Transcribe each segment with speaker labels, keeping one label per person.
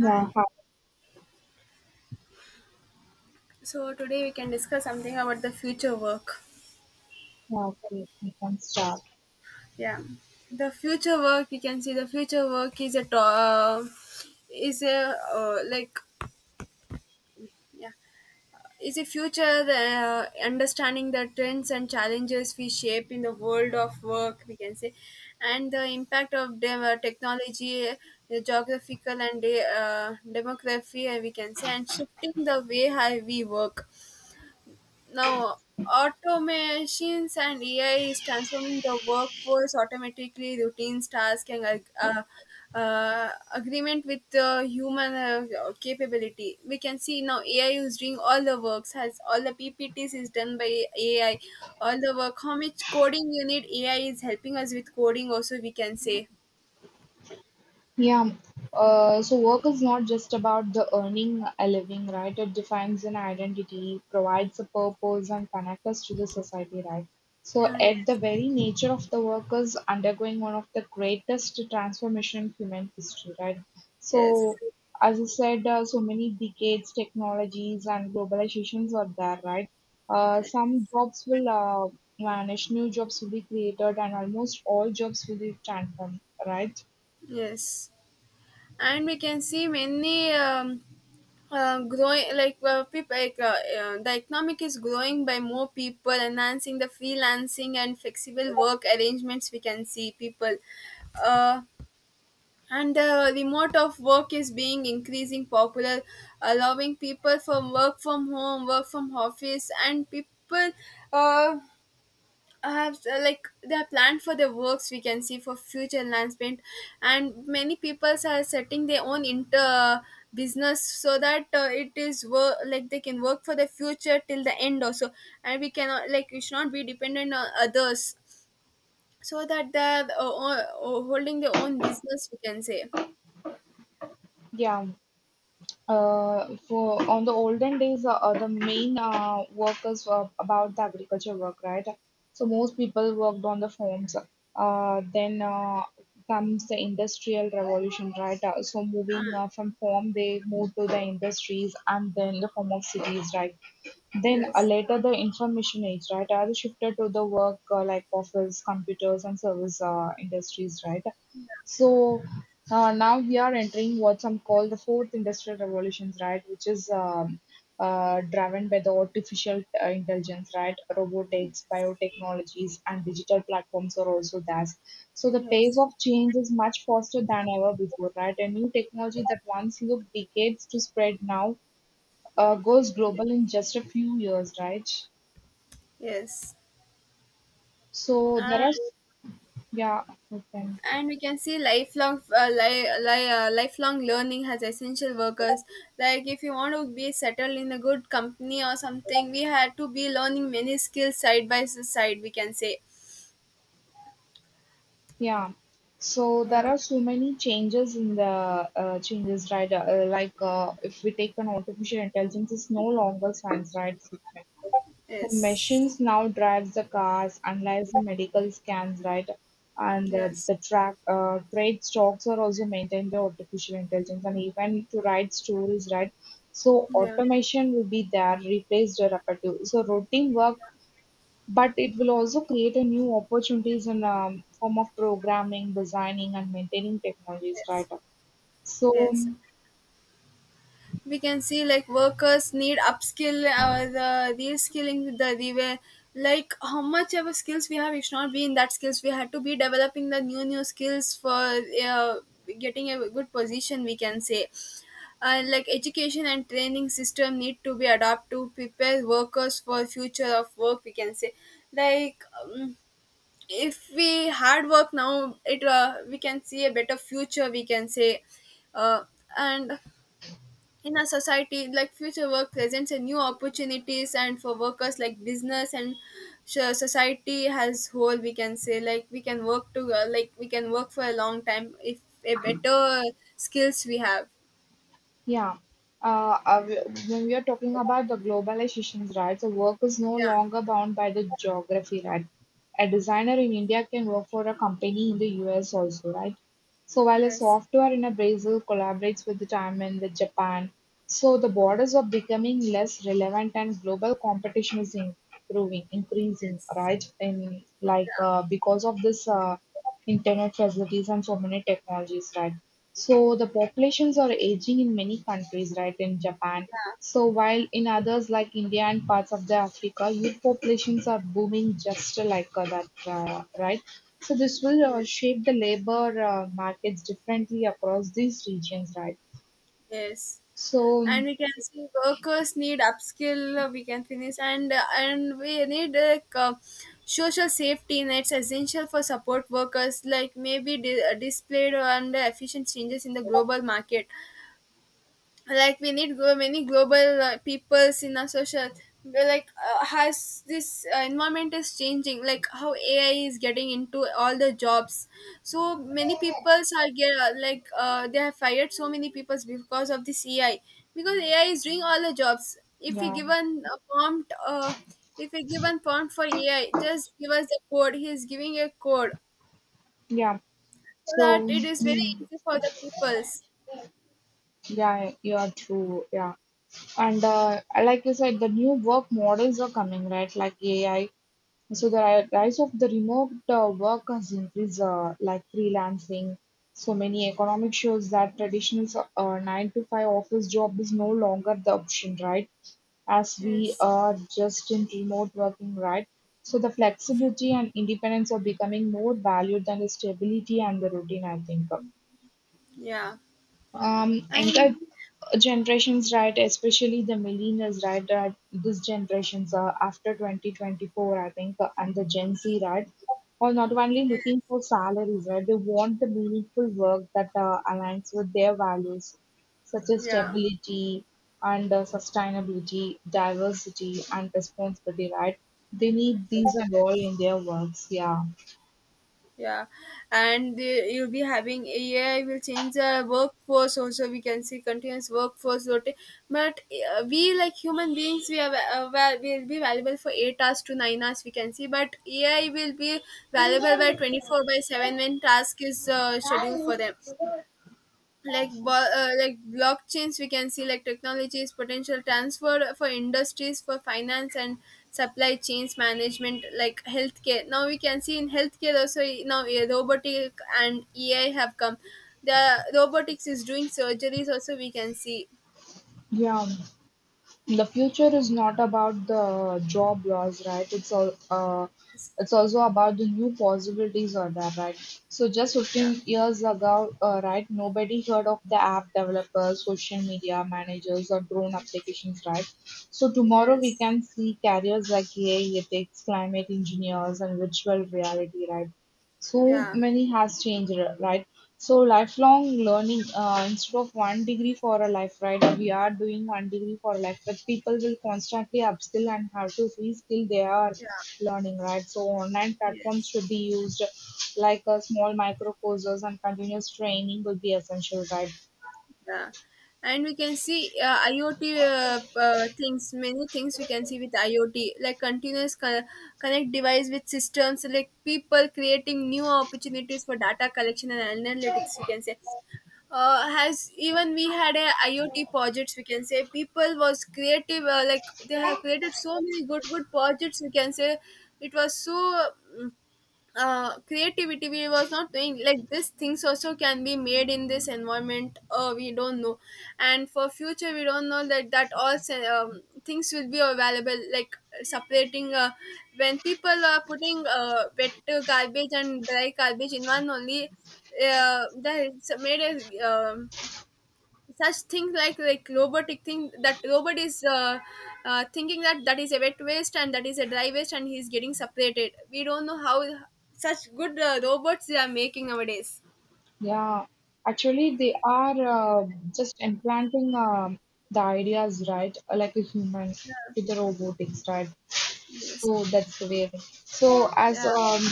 Speaker 1: Hi.
Speaker 2: half
Speaker 1: So today we can discuss something about the future work.
Speaker 2: heartedly, you can start.
Speaker 1: Yeah, the future work, you can see the future work is a is a like, yeah, is a future, uh, understanding the trends and challenges we shape in the world of work, we can say. And the impact of technology, geographical and demography, we can say, and shifting the way how we work. Now, automations and AI is transforming the workforce automatically, routines, tasks, and agreement with the human capability. We can see now AI is doing all the works, has all the PPTs is done by AI, all the work. How much coding you need? AI is helping us with coding. Also, we can say.
Speaker 2: Yeah. So work is not just about the earning a living, right? It defines an identity, provides a purpose, and connects us to the society, right? So
Speaker 1: Ah,
Speaker 2: at the
Speaker 1: yes,
Speaker 2: very nature of the work is undergoing one of the greatest transformation in human history, right?
Speaker 1: yes,
Speaker 2: So as I said, so many decades, technologies, and globalizations are there, right? Some jobs will vanish, new jobs will be created, and almost all jobs will be transformed, right?
Speaker 1: yes, and we can see many. Growing, like, people, like, the economic is growing by more people enhancing the freelancing and flexible work arrangements, we can see people. Uh, and the remote of work is being increasing popular, allowing people from work from home, work from office, and people, uh, so, like, they are planned for the works, we can see, for future enhancement. And many peoples are setting their own inter business, so that, it is work, like, they can work for the future till the end also. And we cannot, like, we should not be dependent on others, so that they're holding their own business, we can say.
Speaker 2: Yeah. For on the olden days, the main workers were about the agriculture work, right? So most people worked on the farms. Then comes the industrial revolution, right? Uh, so moving
Speaker 1: uh,
Speaker 2: uh, from farm, they moved to the industries and then the form of cities, right? Then,
Speaker 1: yes,
Speaker 2: later the information age, right, has shifted to the work like office, computers, and service industries, right? So now we are entering what some call the fourth industrial revolutions, right, which is driven by the artificial intelligence, right? Robotics, biotechnologies, and digital platforms are also there. So the pace
Speaker 1: yes,
Speaker 2: of change is much faster than ever before, right? A new technology that once looked decades to spread now goes global in just a few years, right?
Speaker 1: yes,
Speaker 2: So there
Speaker 1: and
Speaker 2: are, yeah, okay,
Speaker 1: and we can see lifelong lifelong learning has essential workers, like if you want to be settled in a good company or something, we had to be learning many skills side by side, we can say.
Speaker 2: yeah. So there
Speaker 1: Yeah.
Speaker 2: are so many changes in the changes, right? Like if we take an artificial intelligence, it's no longer science, right? So
Speaker 1: Yes.
Speaker 2: machines now drives the cars, analyze the medical scans, right? And
Speaker 1: Yes.
Speaker 2: the track trade stocks are also maintained by artificial intelligence, and even to write stories, right? So
Speaker 1: Yeah.
Speaker 2: automation will be there, replace the repetitive. So routine work, but it will also create a new opportunities in form of programming, designing, and maintaining technologies, right?
Speaker 1: Yes.
Speaker 2: So
Speaker 1: Yes, we can see, like, workers need upskill or the reskilling with the like how much our skills we have, it should not be in that skills, we had to be developing the new skills for uh, getting a good position, we can say. Like, education and training system need to be adapted to prepare workers for future of work, we can say. Like, if we hard work now, it we can see a better future, we can say. Uh, and in a society, like, future work presents a new opportunities and for workers, like, business and society as whole, we can say, like, we can work to like we can work for a long time if a better skills we have.
Speaker 2: yeah. Uh, uh, we- when we are talking about the globalizations, right, so work is no
Speaker 1: Yeah.
Speaker 2: longer bound by the geography, right? A designer in India can work for a company in the US also, right? So while a
Speaker 1: Yes.
Speaker 2: software in a Brazil collaborates with the time in the Japan, so the borders are becoming less relevant and global competition is improving, increasing,
Speaker 1: Yes.
Speaker 2: right? And like
Speaker 1: Yeah.
Speaker 2: because of this. Internet facilities and so many technologies, right? So the populations are aging in many countries, right? In Japan.
Speaker 1: Yeah.
Speaker 2: So while in others like India and parts of the Africa, youth populations are booming just like that, right? So this will
Speaker 1: Yes.
Speaker 2: shape the labor markets differently across these regions, right?
Speaker 1: Yes,
Speaker 2: So
Speaker 1: and we can see workers need upskill. We can finish and we need, like, social safety nets essential for support workers, like maybe displayed and efficient changes in the global market, like we need many global peoples in our social. We're like, has this environment is changing, like how ai is getting into all the jobs, so many peoples are get, like, they have fired so many peoples because of this ai, because ai is doing all the jobs. If we
Speaker 2: yeah,
Speaker 1: given a prompt, if we given prompt for ai, just give us the code, he is giving a code,
Speaker 2: yeah.
Speaker 1: so that
Speaker 2: So
Speaker 1: it is very
Speaker 2: hmm,
Speaker 1: easy for the peoples.
Speaker 2: yeah, you are true. Yeah. And like you said, the new work models are coming, right? Like AI. So the rise of the remote work has increased, like freelancing. So many economic shows that traditional nine to five office job is no longer the option, right? As we
Speaker 1: Yes.
Speaker 2: are just in remote working, right? So the flexibility and independence are becoming more valued than the stability and the routine, I think.
Speaker 1: Yeah. And
Speaker 2: Anchor generations, right? Especially the millennials, right? That this generations are after 2024, I think, and the Gen Z, right? Are not only
Speaker 1: yes.
Speaker 2: looking for salaries, right? They want the meaningful work that aligns with their values, such as
Speaker 1: Yeah,
Speaker 2: stability and sustainability, diversity and responsibility, right? They need these and all in their works. Yeah,
Speaker 1: yeah, and the, you'll be having AI will change the workforce. Also, we can see continuous workforce but we, like human beings, we are well, will be valuable for 8 hours to 9 hours, we can see. But AI will be valuable by 24/7 when task is scheduled for them. Like like blockchains, we can see, like, technologies potential transfer for industries, for finance and supply chains management, like healthcare. Now we can see in healthcare also now, robotic and ai have come, the robotics is doing surgeries also, we can see.
Speaker 2: yeah. The future is not about the job loss, right? It's all
Speaker 1: Yes.
Speaker 2: it's also about the new possibilities are there, right? So just
Speaker 1: Yeah.
Speaker 2: 15 years ago, right, nobody heard of the app developers, social media managers, or drone applications, right? So tomorrow we
Speaker 1: Yes.
Speaker 2: can see careers like AI ethics, climate engineers, and virtual reality, right? So
Speaker 1: Yeah.
Speaker 2: many has changed, right? So lifelong learning, instead of one degree for a life, right, we are doing one degree for a life, but people will constantly upskill and have to reskill. They are
Speaker 1: Yeah.
Speaker 2: learning, right? So online platforms
Speaker 1: Yes.
Speaker 2: should be used, like small micro courses, and continuous training will be essential, right?
Speaker 1: Yeah, and we can see IoT, things, many things we can see with IoT, like continuous connect device with systems, like people creating new opportunities for data collection and analytics, we can say. Has even we had a IoT projects, we can say. People was creative, like, they have created so many good projects, we can say. It was so. mm, Creativity we was not doing like this. Things also can be made in this environment, we don't know. And for future, we don't know that that all things will be available, like separating, when people are putting wet garbage and dry garbage in one only, that it's made a such things like, robotic thing, that robot is thinking that that is a wet waste and that is a dry waste and he's getting separated, we don't know how. Such good robots they are making nowadays.
Speaker 2: Yeah, actually they are uh, just implanting the ideas, right? Like a human with the robotics, right?
Speaker 1: Yes.
Speaker 2: Oh, that's amazing. So
Speaker 1: Yeah.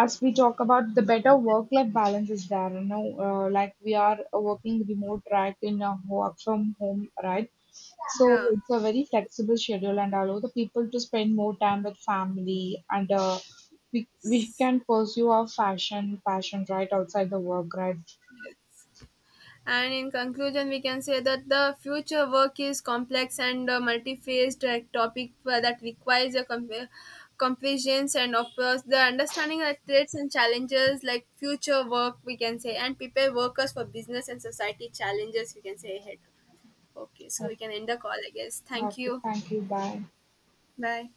Speaker 2: as we talk about the better work-life balance is there, you know, like we are working remote, right, in a work from home, right? So
Speaker 1: Yeah.
Speaker 2: it's a very flexible schedule and allow the people to spend more time with family and we can pursue our fashion passion right outside the work, right?
Speaker 1: And in conclusion, we can say that the future work is complex and multi-phased topic that requires a comprehension and of course the understanding of threats and challenges like future work, we can say, and prepare workers for business and society challenges, we can say, ahead. Okay, so
Speaker 2: Yeah.
Speaker 1: we can end the call, I guess. Thank
Speaker 2: Okay,
Speaker 1: you.
Speaker 2: thank you. Bye.
Speaker 1: Bye.